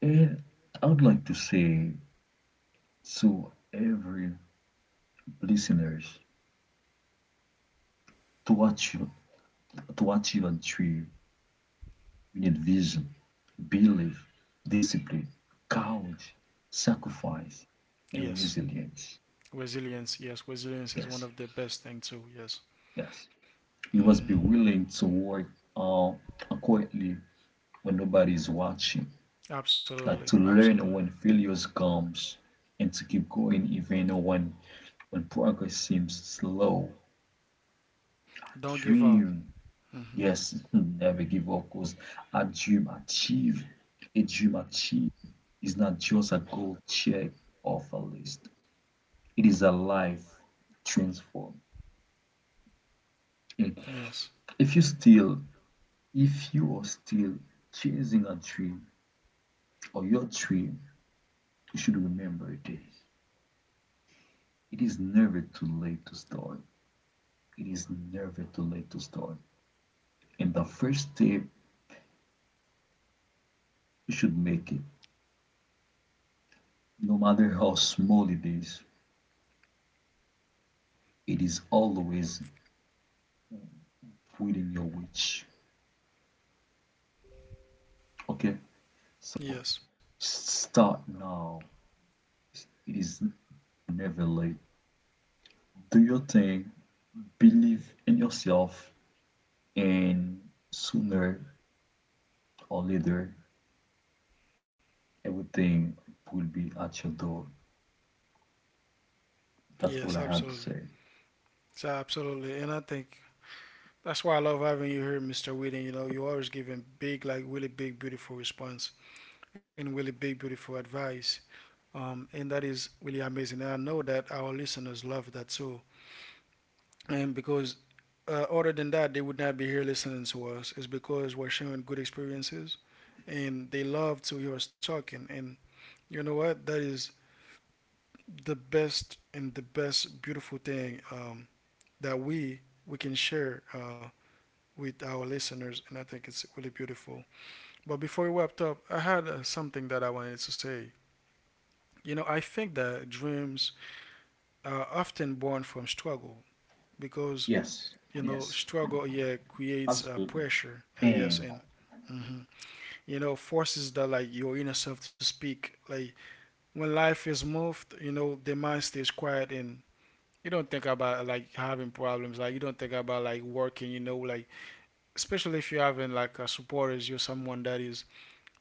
And I would like to say to every listeners, to achieve, to achieve and through, you need vision, belief, discipline, courage, sacrifice, and Yes. resilience. Resilience. Yes, resilience is one Yes, of the best thing too. Yes. yes. You Hmm. must be willing to work, uh, quietly when nobody is watching, Absolutely. like to learn Absolutely. when failures comes, and to keep going even when progress seems slow. Don't give up. Dream Hmm. Yes, never give up because a dream achieve, a dream achieve is not just a goal check off a list. It is a life transform. Okay. Yes. If you still, if you are still chasing a dream or your dream, you should remember this. It is never too late to start. It is never too late to start. And the first step, you should make it. No matter how small it is always within your reach. Okay, so Yes. start now. It is never late. Do your thing, believe in yourself, and sooner or later, everything will be at your door. That's Yes, all I had to absolutely. say. So, absolutely. And I think that's why I love having you here, Mr. Whedon. You know, you always giving big, like really big, beautiful response and really big, beautiful advice. And that is really amazing. And I know that our listeners love that too. And because other than that, they would not be here listening to us. It's because we're sharing good experiences, and they love to hear us talking. And you know what? That is the best and the best beautiful thing, that we can share with our listeners. And I think it's really beautiful. But before we wrapped up, I had something that I wanted to say. You know, I think that dreams are often born from struggle, because, Yes, you know, yes, struggle, yeah, creates absolutely. pressure. Yes. And And hmm you know forces that, like, your inner self to speak. Like, when life is moved, you know, the mind stays quiet, and you don't think about, like, having problems. Like, you don't think about, like, working. You know, like especially if you're having like a supporters, you're someone that is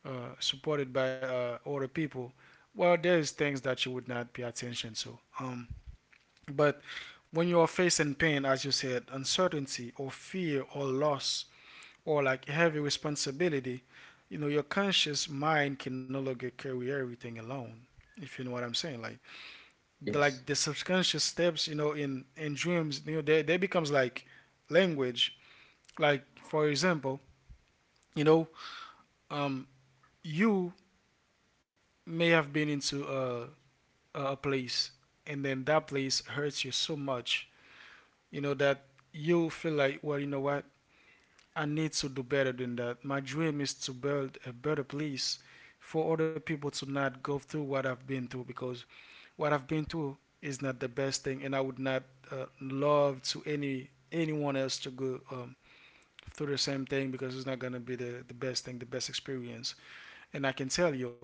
supported by other people, well, there's things that you would not pay attention to. But when you are facing pain, as you said, uncertainty or fear or loss or like heavy responsibility, you know, your conscious mind can no longer carry everything alone. If you know what I'm saying, like the, like yes. the subconscious steps, you know, in dreams, you know, they becomes like language. Like, for example, you know, um, you may have been into a place, and then that place hurts you so much, you know, that you feel like, well, you know what, I need to do better than that. My dream is to build a better place for other people to not go through what I've been through. Because what I've been through is not the best thing, and I would not love to anyone else to go through the same thing, because it's not going to be the best thing, the best experience. And I can tell you,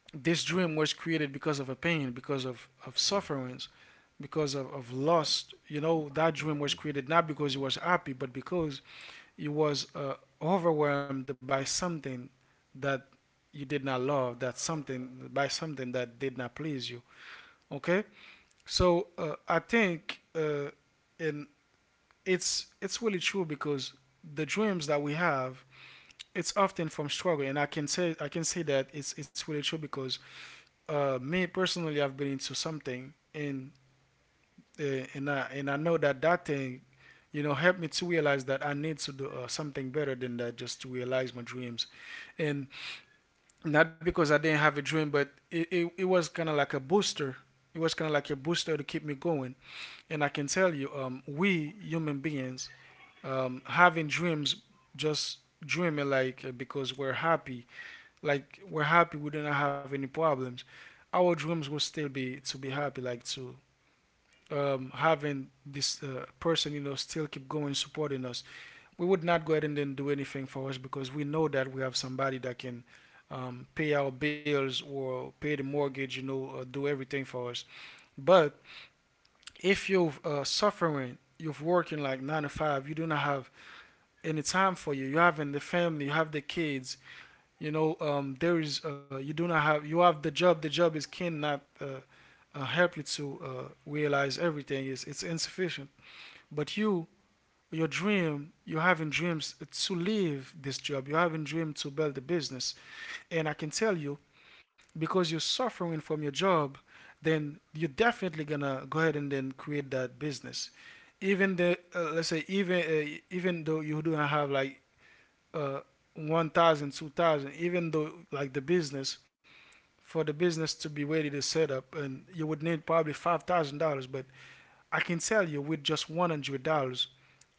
this dream was created because of a pain, because of sufferings, because of lust. You know, that dream was created not because he was happy, but because he was overwhelmed by something that you did not love, that something, by something that did not please you. Okay? So I think, and it's really true because the dreams that we have, it's often from struggle. And I can say that it's really true because, me personally, I've been into something. And I know that that thing, you know, helped me to realize that I need to do something better than that, just to realize my dreams, and not because I didn't have a dream, but it was kind of like a booster. It was kind of like a booster to keep me going. And I can tell you, we human beings, having dreams, just dreaming like, because we're happy. Like, we're happy, we do not have any problems, our dreams will still be to be happy, like to having this person, you know, still keep going, supporting us. We would not go ahead and then do anything for us because we know that we have somebody that can pay our bills or pay the mortgage, you know, do everything for us. But if you're suffering, you're working like nine to five, you do not have any time for you having the family, you have the kids, you know. There is you do not have You have the job. The job is cannot, help you to realize everything. It's insufficient. But you, your dream, you're having dreams to leave this job. You're having dream to build a business, and I can tell you, because you're suffering from your job, then you're definitely gonna go ahead and then create that business, even the let's say, even though you do not have like, uh, 1,000, 2,000. Even though like the business, for the business to be ready to set up, and you would need probably $5,000. But I can tell you, with just $100,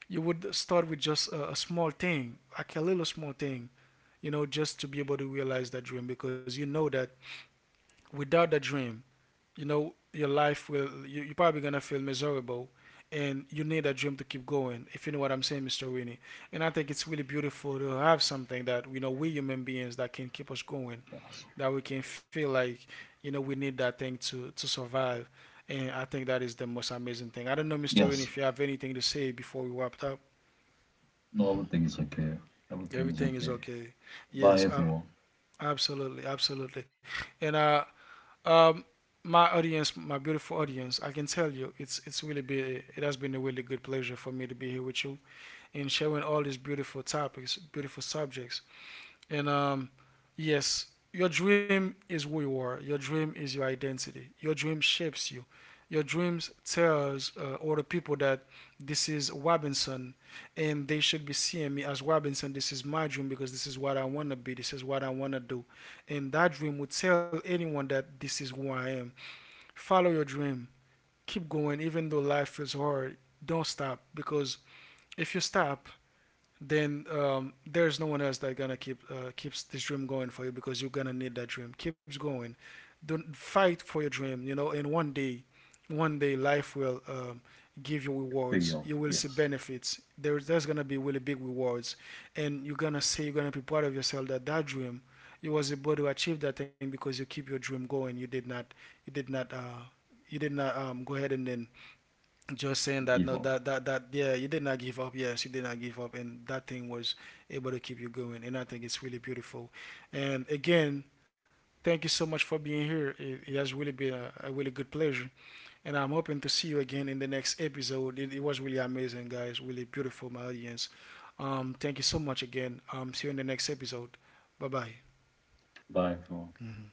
you would start with just a small thing, like a little small thing, you know, just to be able to realize that dream. Because you know that without that dream, you know, your life will you're probably gonna feel miserable, and you need a dream to keep going, if you know what I'm saying, Mr. Winnie. And I think it's really beautiful to have something that, you know, we human beings, that can keep us going, that we can feel like, you know, we need that thing to survive. And I think that is the most amazing thing. I don't know, Mr. Winnie, Yes, if you have anything to say before we wrap up. no, everything Hmm. is okay. Everything is Everything is okay. okay. Bye, Yes, everyone. absolutely, absolutely. And um, my audience, my beautiful audience, I can tell you, it has been a really good pleasure for me to be here with you, and sharing all these beautiful topics, beautiful subjects. And, yes, your dream is who you are. Your dream is your identity. Your dream shapes you. Your dreams tells other people that this is Robinson, and they should be seeing me as Robinson. This is my dream because this is what I want to be. This is what I want to do, and that dream would tell anyone that this is who I am. Follow your dream. Keep going, even though life feels hard. Don't stop, because if you stop, then there's no one else that gonna keeps this dream going for you, because you're gonna need that dream. Keeps going. Don't fight for your dream. You know, and one day life will give you Pay rewards. off. You will see Yes. benefits. There's gonna be really big rewards, and you're gonna say, you're gonna be proud of yourself, that that dream you was able to achieve that thing because you keep your dream going. You did not you did not you did not go ahead and then just saying that, Give no up. that that that yeah, you did not give up, yes, you did not give up, and that thing was able to keep you going. And I think it's really beautiful. And again, thank you so much for being here. It has really been a really good pleasure, and I'm hoping to see you again in the next episode. It was really amazing, guys. Really beautiful, my audience. Um thank you so much again. Um see you in the next episode. Bye bye. Bye, everyone. Hmm.